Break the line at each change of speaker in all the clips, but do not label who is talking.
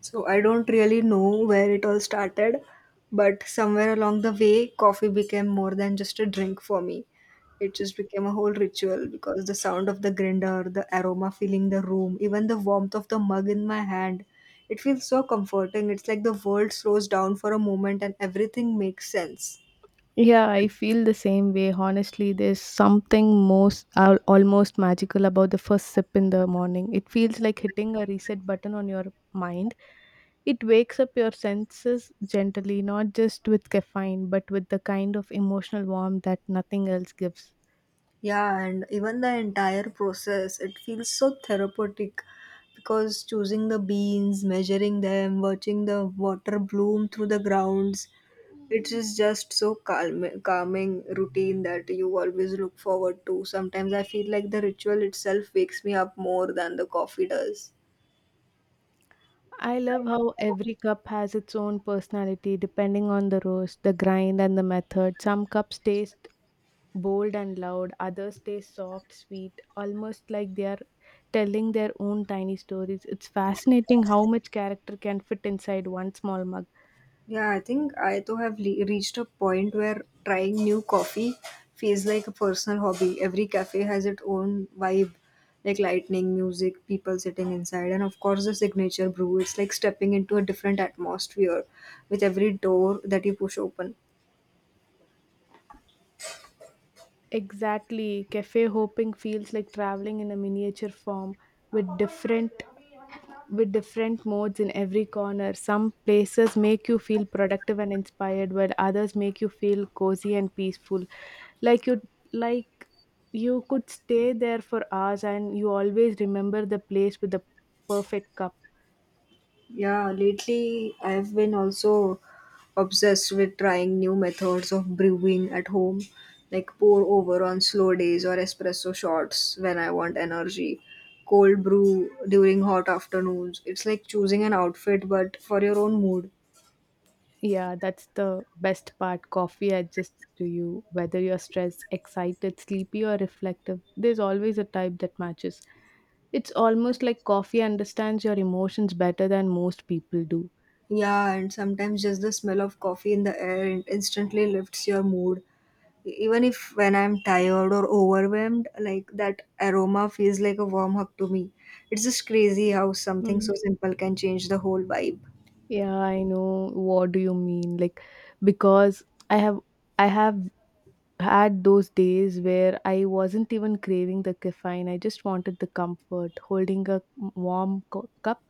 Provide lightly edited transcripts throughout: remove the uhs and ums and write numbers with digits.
So I don't really know where it all started, but somewhere along the way, coffee became more than just a drink for me. It just became a whole ritual because the sound of the grinder, the aroma filling the room, even the warmth of the mug in my hand, it feels so comforting. It's like the world slows down for a moment and everything makes sense.
Yeah, I feel the same way. Honestly, there's something almost magical about the first sip in the morning. It feels like hitting a reset button on your mind. It wakes up your senses gently, not just with caffeine, but with the kind of emotional warmth that nothing else gives.
Yeah, and even the entire process, it feels so therapeutic because choosing the beans, measuring them, watching the water bloom through the grounds, it is just so calm, calming routine that you always look forward to. Sometimes I feel like the ritual itself wakes me up more than the coffee does.
I love how every cup has its own personality depending on the roast, the grind, and the method. Some cups taste bold and loud, others stay soft, sweet, almost like they are telling their own tiny stories. It's fascinating how much character can fit inside one small mug.
Yeah, I think I too have reached a point where trying new coffee feels like a personal hobby. Every cafe has its own vibe, like lightning, music, people sitting inside, and of course the signature brew. It's like stepping into a different atmosphere with every door that you push open.
Exactly. Cafe hopping feels like traveling in a miniature form with different with different modes in every corner. Some places make you feel productive and inspired while others make you feel cozy and peaceful. Like you like you could stay there for hours and you always remember the place with the perfect cup.
Yeah, lately I've been also obsessed with trying new methods of brewing at home, like pour over on slow days or espresso shots when I want energy, cold brew during hot afternoons. It's like choosing an outfit but for your own mood.
Yeah, that's the best part. Coffee adjusts to you, whether you're stressed, excited, sleepy, or reflective. There's always a type that matches. It's almost like coffee understands your emotions better than most people do.
Yeah, and sometimes just the smell of coffee in the air instantly lifts your mood. Even if when I'm tired or overwhelmed, like that aroma feels like a warm hug to me. It's just crazy how something
Mm.
so simple can change the whole vibe.
Yeah, I know. What do you mean? Like, because I have I have had those days where I wasn't even craving the caffeine. I just wanted the comfort, holding a warm cup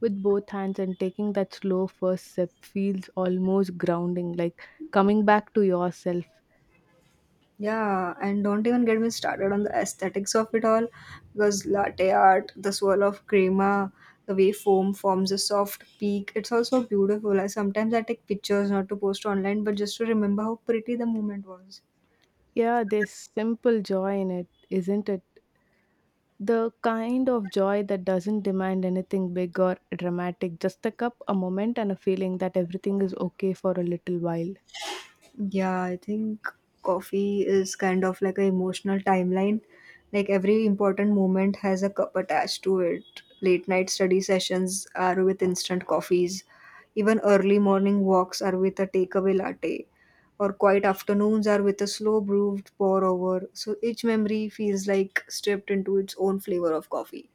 with both hands and taking that slow first sip feels almost grounding, like coming back to yourself.
Yeah, and don't even get me started on the aesthetics of it all because latte art, the swirl of crema, the way foam forms a soft peak, it's also beautiful. I sometimes I take pictures not to post online but just to remember how pretty the moment was.
Yeah, there's simple joy in it, isn't it? The kind of joy that doesn't demand anything big or dramatic, just a cup, a moment, and a feeling that everything is okay for a little while.
Yeah, I think coffee is kind of like an emotional timeline. Like every important moment has a cup attached to it. Late night study sessions are with instant coffees. Even early morning walks are with a takeaway latte. Or quiet afternoons are with a slow brewed pour over. So each memory feels like stripped into its own flavor of coffee.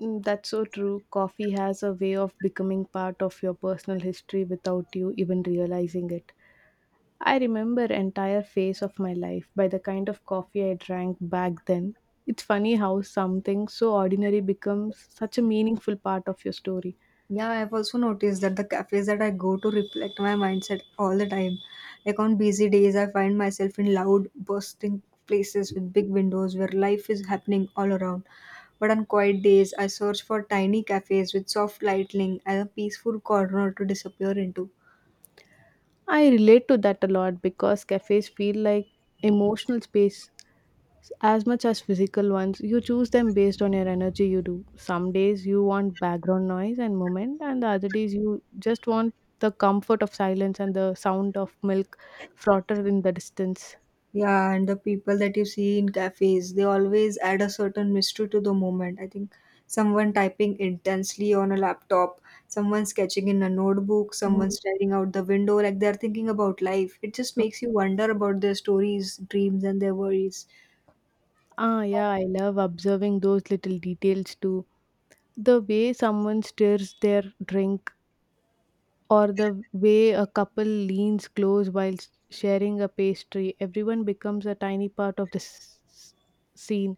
Mm. That's so true. Coffee has a way of becoming part of your personal history without you even realizing it. I remember entire phase of my life by the kind of coffee I drank back then. It's funny how something so ordinary becomes such a meaningful part of your story.
Yeah, I've also noticed that the cafes that I go to reflect my mindset all the time. Like on busy days, I find myself in loud, bursting places with big windows where life is happening all around. But on quiet days, I search for tiny cafes with soft lighting and a peaceful corner to disappear into.
I relate to that a lot because cafes feel like emotional space as much as physical ones. You choose them based on your energy you do. Some days you want background noise and movement and the other days you just want the comfort of silence and the sound of milk frotter in the distance.
Yeah, and the people that you see in cafes, they always add a certain mystery to the moment. I think someone typing intensely on a laptop, someone sketching in a notebook, someone
Mm.
staring out the window, like they're thinking about life. It just makes you wonder about their stories, dreams, and their worries.
Ah, yeah, I love observing those little details too, the way someone stirs their drink or the way a couple leans close while sharing a pastry. Everyone becomes a tiny part of the s- scene,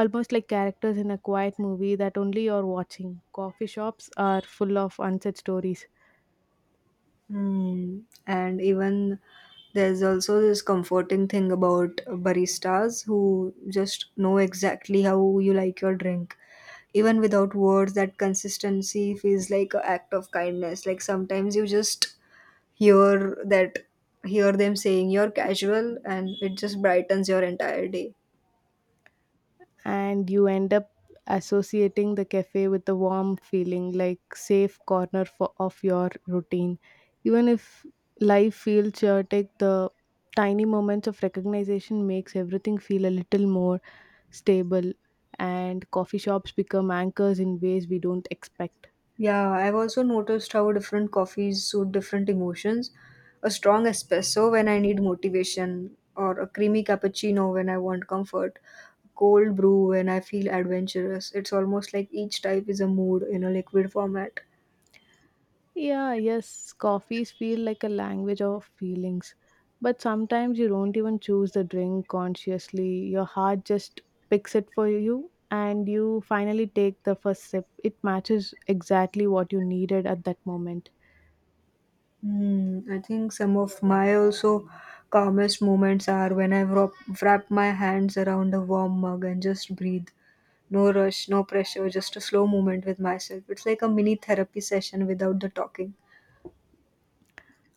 almost like characters in a quiet movie that only you're watching. Coffee shops are full of unsaid stories,
Hmm. And even there's also this comforting thing about baristas who just know exactly how you like your drink. Even without words, that consistency feels like an act of kindness. Like sometimes you just hear that hear them saying you're casual and it just brightens your entire day.
and you end up associating the cafe with a warm feeling like safe corner of your routine. Even if life feels chaotic, the tiny moments of recognition makes everything feel a little more stable, and coffee shops become anchors in ways we don't expect.
Yeah, I've also noticed how different coffees suit different emotions, a strong espresso when I need motivation, or a creamy cappuccino when I want comfort, cold brew when I feel adventurous. It's almost like each type is a mood in a liquid format.
Yeah, yes, coffees feel like a language of feelings. But sometimes you don't even choose the drink consciously. Your heart just picks it for you, and you finally take the first sip. It matches exactly what you needed at that moment.
Hmm. I think some of my also calmest moments are when I wrap my hands around a warm mug and just breathe. No rush, no pressure, just a slow moment with myself. It's like a mini therapy session without the talking.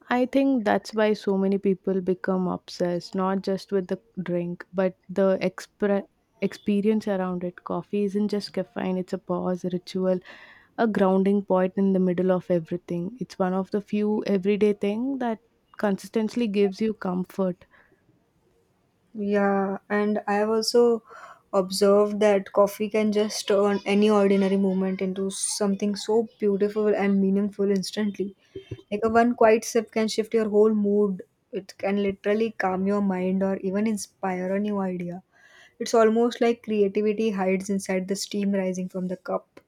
I think that's why so many people become obsessed, not just with the drink, but the experience around it. Coffee isn't just caffeine, it's a pause, a ritual, a grounding point in the middle of everything. It's one of the few everyday thing that consistently gives you comfort.
Yeah, and I have also observed that coffee can just turn any ordinary moment into something so beautiful and meaningful instantly. Like a one quiet sip can shift your whole mood. It can literally calm your mind or even inspire a new idea. It's almost like creativity hides inside the steam rising from the cup.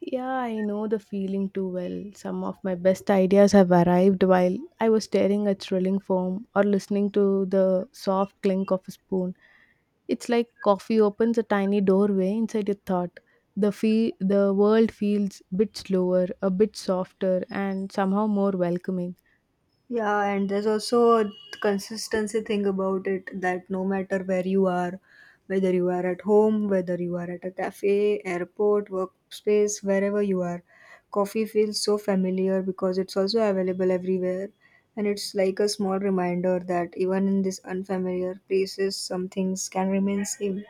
Yeah, I know the feeling too well. Some of my best ideas have arrived while I was staring at thrilling foam or listening to the soft clink of a spoon. It's like coffee opens a tiny doorway inside your thought. The the world feels a bit slower, a bit softer, and somehow more welcoming.
Yeah, and there's also a consistency thing about it that no matter where you are, whether you are at home, whether you are at a cafe, airport, workspace, wherever you are, coffee feels so familiar because it's also available everywhere. And it's like a small reminder that even in these unfamiliar places, some things can remain same.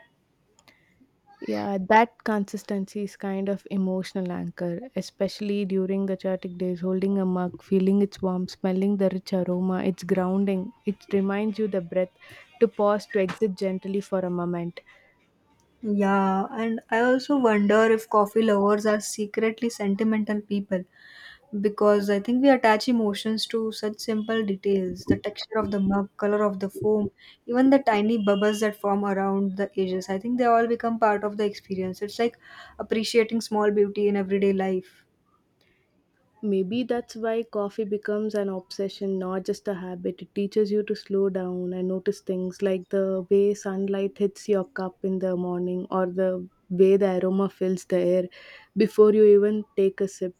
Yeah, that consistency is kind of emotional anchor, especially during the chaotic days. Holding a mug, feeling its warmth, smelling the rich aroma, it's grounding. It reminds you the breath to pause to exit gently for a moment.
Yeah, and I also wonder if coffee lovers are secretly sentimental people because I think we attach emotions to such simple details, the texture of the mug, color of the foam, even the tiny bubbles that form around the edges. I think they all become part of the experience. It's like appreciating small beauty in everyday life.
Maybe that's why coffee becomes an obsession, not just a habit. It teaches you to slow down and notice things like the way sunlight hits your cup in the morning or the way the aroma fills the air before you even take a sip.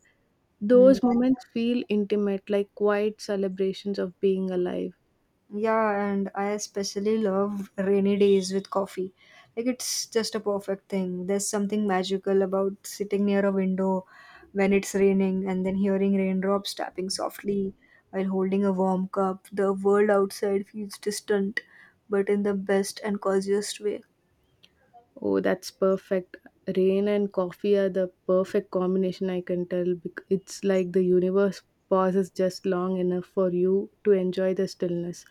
Hmm.
Those moments feel intimate, like quiet celebrations of being alive.
Yeah, and I especially love rainy days with coffee. Like it's just a perfect thing. There's something magical about sitting near a window when it's raining and then hearing raindrops tapping softly while holding a warm cup. The world outside feels distant, but in the best and coziest way.
Oh, that's perfect. Rain and coffee are the perfect combination, I can tell. It's like the universe pauses just long enough for you to enjoy the stillness.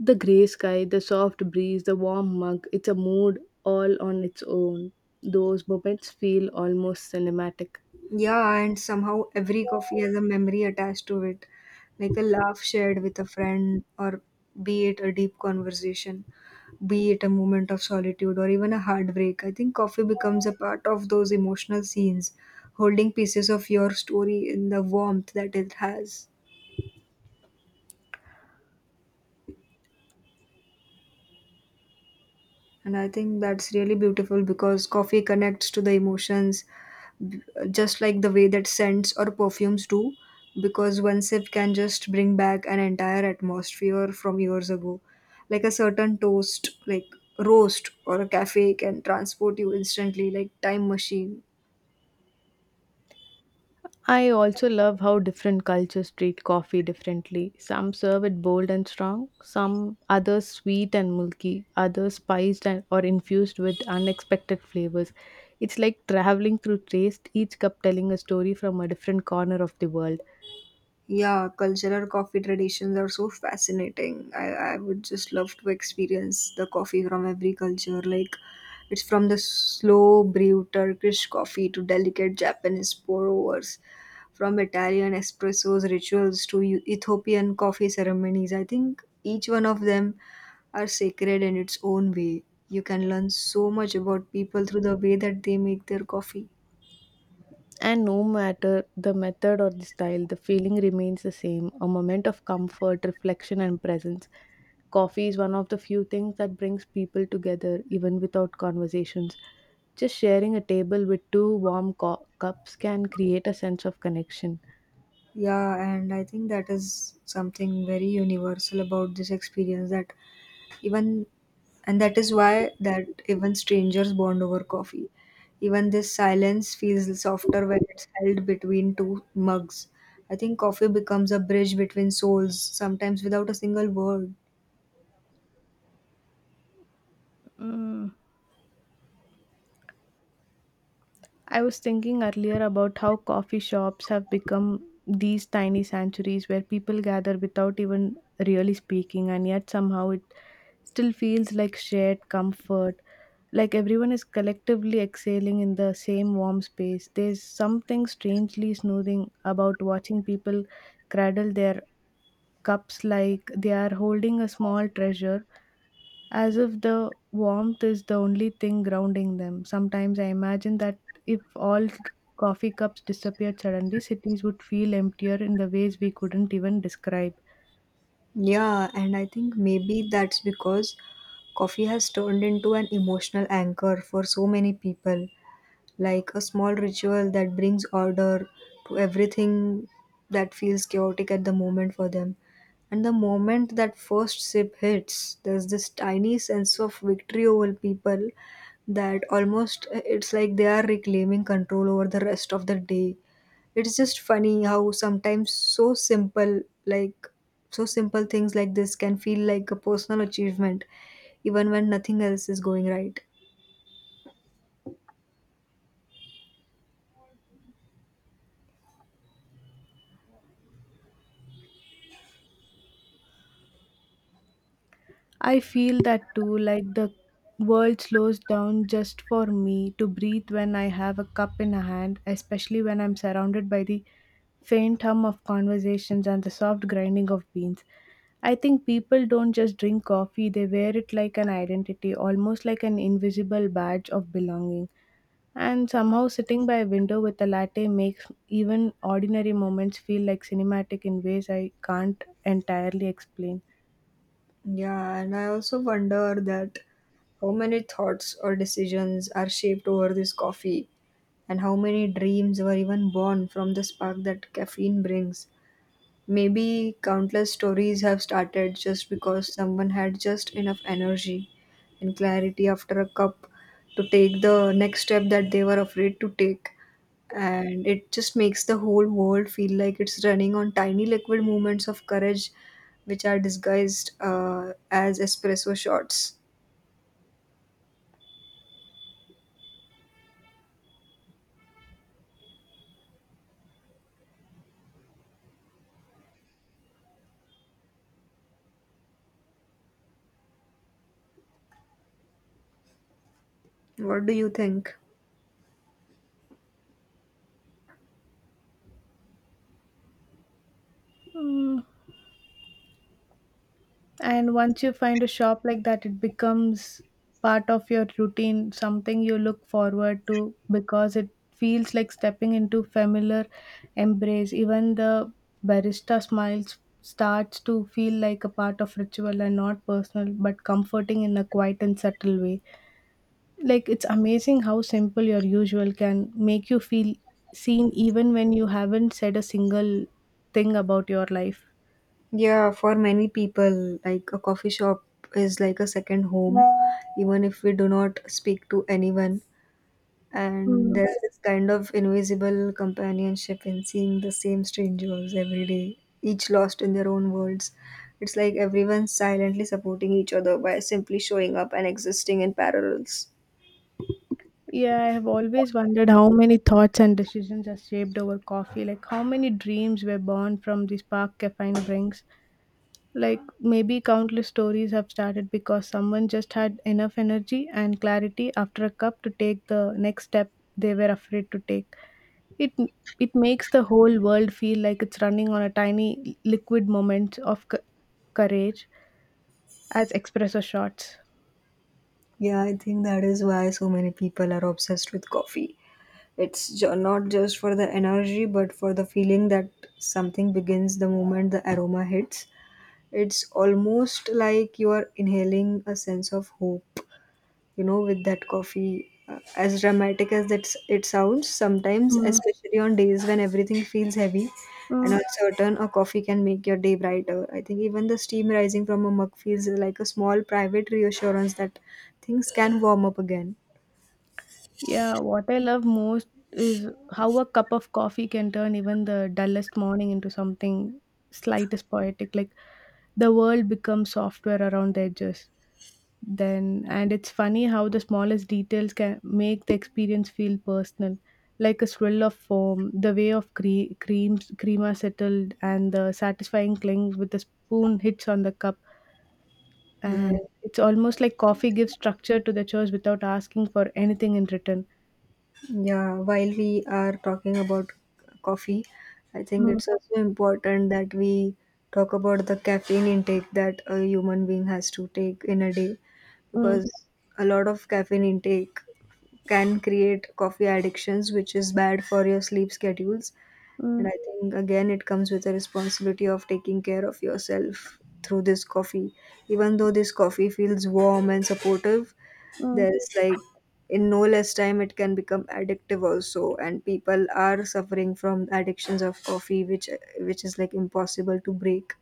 The grey sky, the soft breeze, the warm mug, it's a mood all on its own. Those moments feel almost cinematic.
Yeah, and somehow every coffee has a memory attached to it, like a laugh shared with a friend or be it a deep conversation, be it a moment of solitude or even a heartbreak. I think coffee becomes a part of those emotional scenes, holding pieces of your story in the warmth that it has. And I think that's really beautiful because coffee connects to the emotions, just like the way that scents or perfumes do. Because one sip can just bring back an entire atmosphere from years ago. Like a certain toast, like roast or a cafe can transport you instantly, like time machine.
I also love how different cultures treat coffee differently. Some serve it bold and strong, some others sweet and milky, others spiced and or infused with unexpected flavors. It's like traveling through taste, each cup telling a story from a different corner of the world.
Yeah, cultural coffee traditions are so fascinating. I would just love to experience the coffee from every culture. Like, it's from the slow brew Turkish coffee to delicate Japanese pour overs, from Italian espressos rituals to Ethiopian coffee ceremonies. I think each one of them are sacred in its own way. You can learn so much about people through the way that they make their coffee.
And no matter the method or the style, the feeling remains the same, a moment of comfort, reflection, and presence. Coffee is one of the few things that brings people together, even without conversations. Just sharing a table with two warm cups can create a sense of connection.
Yeah, and I think that is something very universal about this experience, that even and that is why that even strangers bond over coffee. Even this silence feels softer when it's held between two mugs. I think coffee becomes a bridge between souls, sometimes without a single word.
Mm. I was thinking earlier about how coffee shops have become these tiny sanctuaries where people gather without even really speaking, and yet somehow it still feels like shared comfort. Like everyone is collectively exhaling in the same warm space. There's something strangely soothing about watching people cradle their cups like they are holding a small treasure, as if the warmth is the only thing grounding them. Sometimes I imagine that if all coffee cups disappeared suddenly, cities would feel emptier in the ways we couldn't even describe.
Yeah, and I think maybe that's because coffee has turned into an emotional anchor for so many people, like a small ritual that brings order to everything that feels chaotic at the moment for them. And the moment that first sip hits, there's this tiny sense of victory over people, that almost it's like they are reclaiming control over the rest of the day. It's just funny how sometimes so simple, like so simple things like this can feel like a personal achievement, even when nothing else is going right.
I feel that too, like the world slows down just for me to breathe when I have a cup in a hand, especially when I'm surrounded by the faint hum of conversations and the soft grinding of beans. I think people don't just drink coffee, they wear it like an identity, almost like an invisible badge of belonging. And somehow, sitting by a window with a latte makes even ordinary moments feel like cinematic in ways I can't entirely explain.
Yeah, and I also wonder that how many thoughts or decisions are shaped over this coffee, and how many dreams were even born from the spark that caffeine brings. Maybe countless stories have started just because someone had just enough energy and clarity after a cup to take the next step that they were afraid to take. And it just makes the whole world feel like it's running on tiny liquid movements of courage, which are disguised as espresso shots. What do you think?
Mm. And once you find a shop like that, it becomes part of your routine, something you look forward to because it feels like stepping into familiar embrace. Even the barista smiles starts to feel like a part of ritual and not personal but comforting in a quiet and subtle way. Like it's amazing how simple your usual can make you feel seen even when you haven't said a single thing about your life.
Yeah, for many people, like a coffee shop is like a second home, even if we do not speak to anyone. And there's this kind of invisible companionship in seeing the same strangers every day, each lost in their own worlds. It's like everyone's silently supporting each other by simply showing up and existing in parallels.
Yeah, I have always wondered how many thoughts and decisions are shaped over coffee. Like, how many dreams were born from the spark caffeine brings. Like, maybe countless stories have started because someone just had enough energy and clarity after a cup to take the next step they were afraid to take. It it makes the whole world feel like it's running on a tiny liquid moment of courage as espresso shots.
Yeah, I think that is why so many people are obsessed with coffee. It's not just for the energy, but for the feeling that something begins the moment the aroma hits. It's almost like you are inhaling a sense of hope, you know, with that coffee, as dramatic as that it sounds. Sometimes
Mm,
especially on days when everything feels heavy and
mm.
uncertain, a coffee can make your day brighter. I think even the steam rising from a mug feels like a small private reassurance that things can warm up again.
Yeah, what I love most is how a cup of coffee can turn even the dullest morning into something slight as poetic. Like the world becomes softer around the edges. Then, and it's funny how the smallest details can make the experience feel personal, like a swirl of foam, the way of creams crema settled, and the satisfying clink with the spoon hits on the cup. And
Hmm.
it's almost like coffee gives structure to the chores without asking for anything in return.
Yeah, while we are talking about coffee, I think
Mm,
it's also important that we talk about the caffeine intake that a human being has to take in a day,
mm.
because a lot of caffeine intake can create coffee addictions, which is bad for your sleep schedules. And
Mm,
I think again, it comes with a responsibility of taking care of yourself through this coffee. Even though this coffee feels warm and supportive,
mm.
there's like in no less time it can become addictive also, and people are suffering from addictions of coffee which is like impossible to break.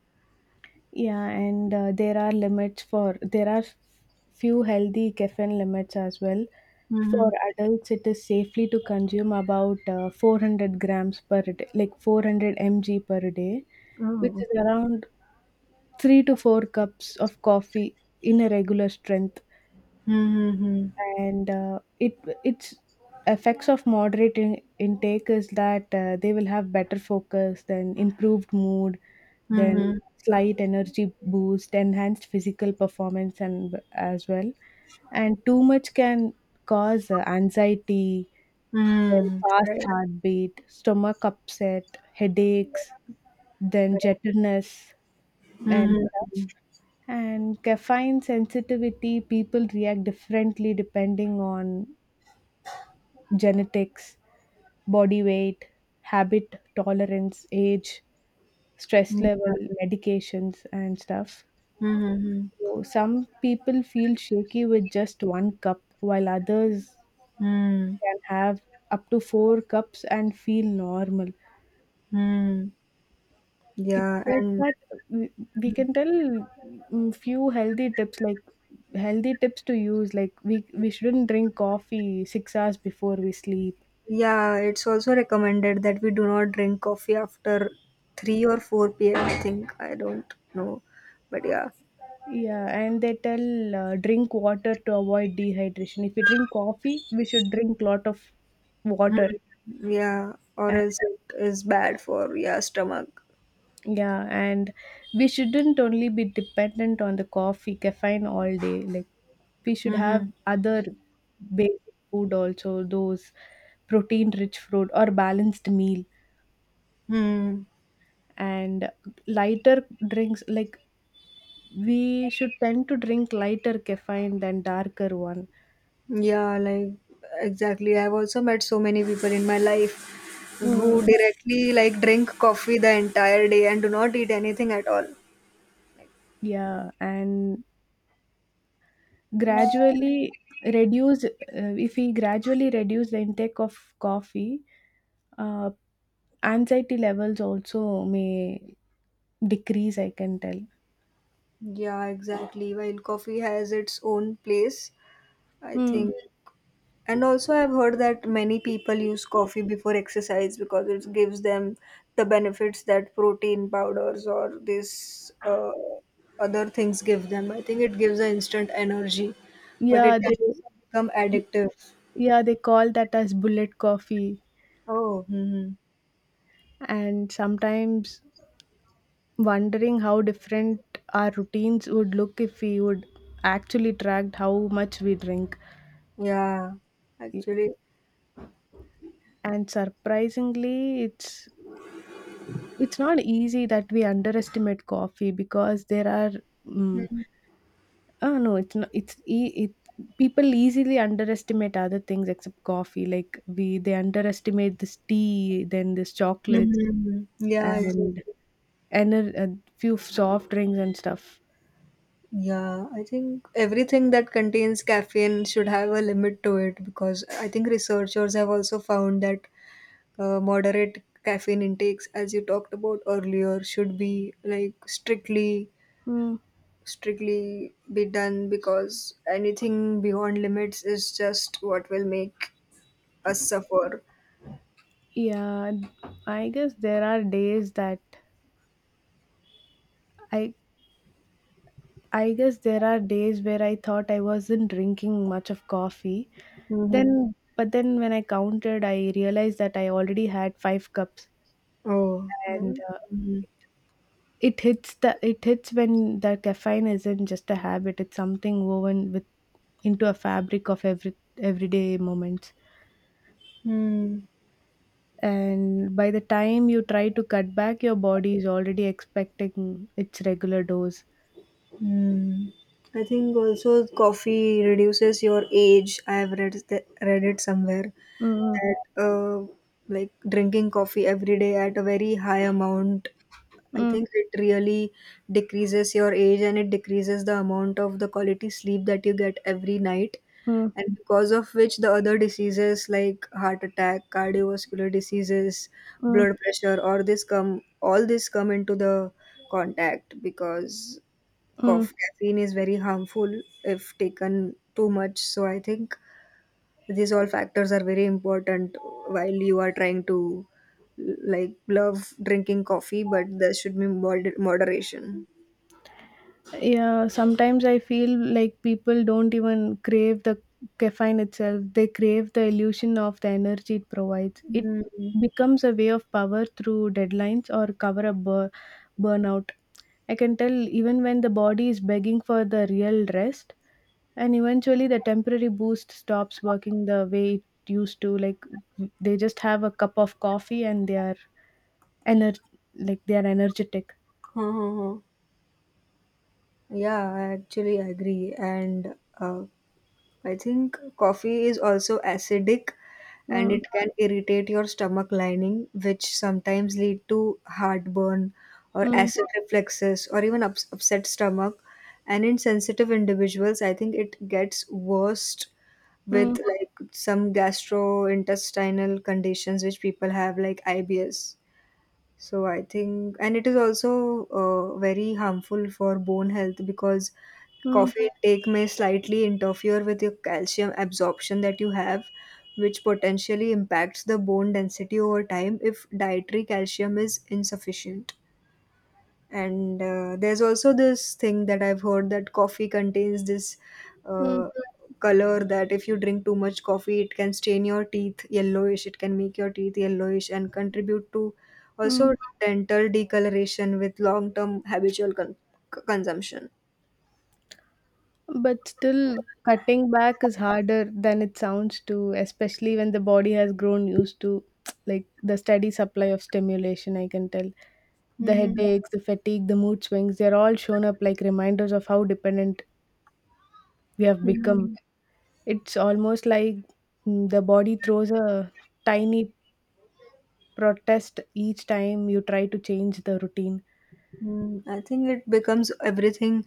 Yeah, and there are limits for there are few healthy caffeine limits as well. For
Mm-hmm.
adults, it is safely to consume about 400 grams per day, like 400 mg per day, which
Oh,
is
okay.
around three to four cups of coffee in a regular strength.
Mm-hmm.
And it its effects of moderate intake is that they will have better focus, then improved mood, then
Mm-hmm.
slight energy boost, enhanced physical performance, and as well. And too much can cause anxiety, then
Mm-hmm.
fast
Right.
heartbeat, stomach upset, headaches, then
Right.
jitterness, and
Mhm.
stuff. And caffeine sensitivity, people react differently depending on genetics, body weight, habit tolerance, age, stress
Mhm.
level, medications, and stuff.
Mhm.
So some people feel shaky with just one cup, while others
Mhm.
can have up to four cups and feel normal.
Mhm.
It's
Yeah,
just
and
that we can tell mm, few healthy tips like healthy tips to use like we shouldn't drink coffee 6 hours before we sleep.
yeah, it's also recommended that we do not drink coffee after 3 or 4 p.m. I think. I don't know. But yeah.
Yeah, and they tell drink water to avoid dehydration. If you drink coffee we should drink lot of water.
Hmm. Yeah, or else it is bad for, yeah, stomach.
Yeah, and we shouldn't only be dependent on the coffee, caffeine all day. Like we should
Mm-hmm.
have other basic food also, those protein-rich fruit or balanced meal
Hmm.
and lighter drinks. Like we should tend to drink lighter caffeine than darker one.
Yeah, like exactly. I've also met so many people in my life who
Mm.
directly like drink coffee the entire day and do not eat anything at all. Like,
Yeah, and gradually reduce if we gradually reduce the intake of coffee, uh, anxiety levels also may decrease, I can tell.
yeah, exactly. While coffee has its own place, I
Hmm.
think. And also, I've heard that many people use coffee before exercise because it gives them the benefits that protein powders or these other things give them. I think it gives an instant energy, but it
Yeah,
can
they
also become addictive.
yeah, they call that as bullet coffee
Oh, hmm,
and sometimes wondering how different our routines would look if we would actually tracked how much we drink.
yeah, actually.
And surprisingly, it's not easy that we underestimate coffee because there are mm, no, it's not. It's e- it. People easily underestimate other things except coffee. Like we, they underestimate this tea, then this chocolate,
Hmm, yeah,
and
exactly.
a few soft drinks and stuff.
Yeah, I think everything that contains caffeine should have a limit to it because I think researchers have also found that moderate caffeine intakes, as you talked about earlier, should be like strictly
Hmm.
strictly be done, because anything beyond limits is just what will make us suffer.
Yeah, I guess there are days that I. I guess there are days where I thought I wasn't drinking much of coffee.
Mm-hmm.
Then, but then when I counted, I realized that I already had five cups,
Oh,
and
then. Mhm.
it hits when the caffeine isn't just a habit, it's something woven with into a fabric of everyday moments
Hmm.
and by the time you try to cut back your body is already expecting its regular dose.
Hmm. I think also coffee reduces your age. I have read it somewhere
Mm,
that, like, drinking coffee every day at a very high amount, I
mm,
think it really decreases your age, and it decreases the amount of the quality sleep that you get every night.
mm,
And because of which, the other diseases like heart attack, cardiovascular diseases,
mm,
blood pressure, or this come all this come into the contact, because
mm.
caffeine is very harmful if taken too much. So I think these all factors are very important while you are trying to like love drinking coffee, but there should be moderation.
Yeah, sometimes I feel like people don't even crave the caffeine itself, they crave the illusion of the energy it provides. It
Mm.
becomes a way of power through deadlines or cover up burnout, I can tell, even when the body is begging for the real rest, and eventually the temporary boost stops working the way it used to. Like they just have a cup of coffee and they are ener- like they are energetic.
Huh. Huh, huh. Yeah, I actually agree, and uh, I think coffee is also acidic, and
Mm,
it can irritate your stomach lining, which sometimes lead to heartburn or
mm,
acid reflexes or even upset stomach. And in sensitive individuals, I think it gets worse
mm,
with like some gastrointestinal conditions which people have, like IBS. So I think, and it is also very harmful for bone health, because
mm,
coffee intake may slightly interfere with your calcium absorption that you have, which potentially impacts the bone density over time if dietary calcium is insufficient. And there's also this thing that I've heard, that coffee contains this
mm,
uh, color that, if you drink too much coffee, it can stain your teeth yellowish, it can make your teeth yellowish and contribute to
mm.
also dental decoloration with long term habitual consumption.
But still, cutting back is harder than it sounds to, especially when the body has grown used to like the steady supply of stimulation, I can tell. The
Hmm.
headaches, the fatigue, the mood swings, they're all shown up like reminders of how dependent we have become.
Hmm.
It's almost like mm, the body throws a tiny protest each time you try to change the routine.
Mm, I think it becomes everything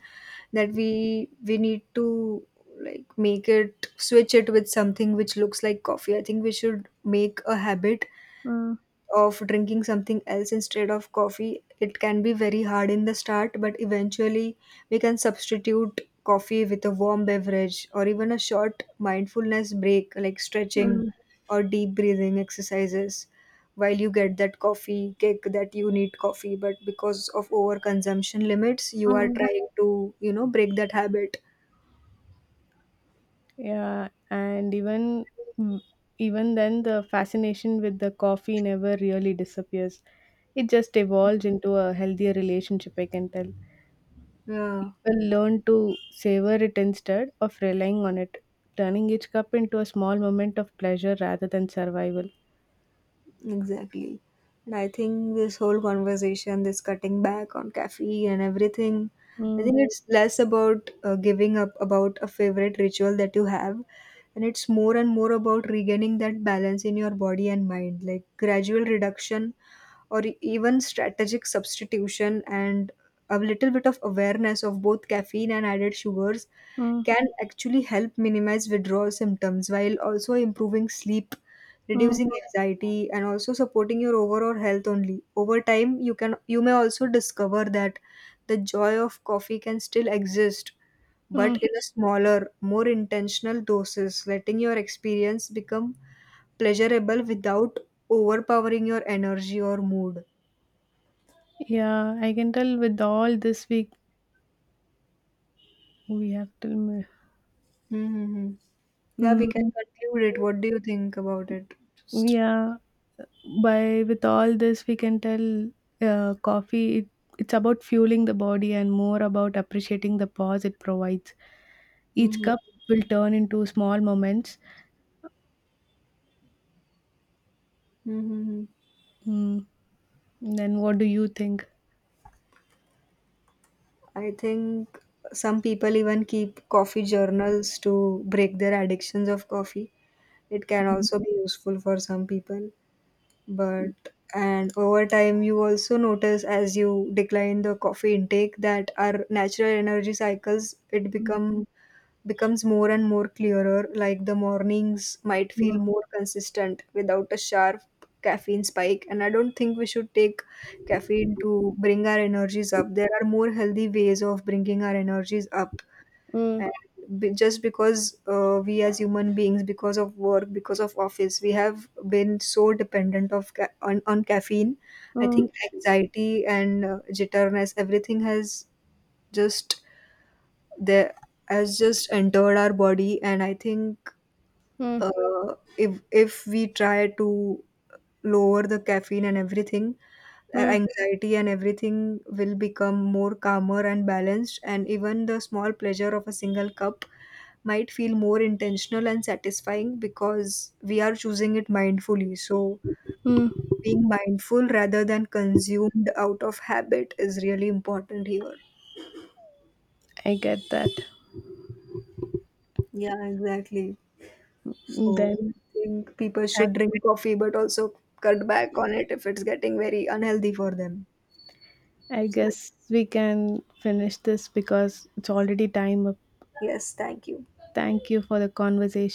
that we need to like make it, switch it with something which looks like coffee. I think we should make a habit
Mm,
of drinking something else instead of coffee. It can be very hard in the start, but eventually we can substitute coffee with a warm beverage or even a short mindfulness break like stretching
mm,
or deep breathing exercises, while you get that coffee kick that you need coffee, but because of overconsumption limits you are
mm.
trying to, you know, break that habit.
Yeah, and even mm, even then the fascination with the coffee never really disappears. It just evolves into a healthier relationship, I can tell.
Yeah.
Will learn to savor it instead of relying on it, turning each cup into a small moment of pleasure rather than survival.
Exactly. And I think this whole conversation, this cutting back on caffeine and everything, I
Mm,
think it's less about giving up about a favorite ritual that you have, and it's more and more about regaining that balance in your body and mind, like gradual reduction or even strategic substitution, and a little bit of awareness of both caffeine and added sugars
mm,
can actually help minimize withdrawal symptoms while also improving sleep,
mm,
reducing anxiety, and also supporting your overall health only. Over time, you can, you may also discover that the joy of coffee can still exist, but
mm.
in a smaller, more intentional doses, letting your experience become pleasurable without overpowering your energy or mood.
Yeah, I can tell with all this week we have till May.
Mm-hmm. Yeah, we can
Mm,
conclude it. What do you think about it? Just
yeah, by with all this we can tell uh, coffee it, it's about fueling the body and more about appreciating the pause it provides. Each
hmm
cup will turn into small moments.
hmm.
Mm, then what do you think?
I think some people even keep coffee journals to break their addictions of coffee. It can also be useful for some people, but, and over time, you also notice, as you decline the coffee intake, that our natural energy cycles it becomes more and more clearer, like the mornings might feel
Mm,
more consistent without a sharp caffeine spike. And I don't think we should take caffeine to bring our energies up. There are more healthy ways of bringing our energies up,
mm,
and just because we, as human beings, because of work, because of office, we have been so dependent of on caffeine. I
mm,
think anxiety and, jitterness, everything has just there has just entered our body. And I think,
mm,
if we try to lower the caffeine and everything,
mm,
anxiety and everything will become more calmer and balanced. And even the small pleasure of a single cup might feel more intentional and satisfying, because we are choosing it mindfully. So,
mm.
being mindful rather than consumed out of habit is really important here.
I get that.
Yeah, exactly. So
Then
I think people
thank-
should drink coffee, but also cut back on it if it's getting very unhealthy for them.
I
So,
guess we can finish this because it's already time up.
yes, thank you.
Thank you for the conversation.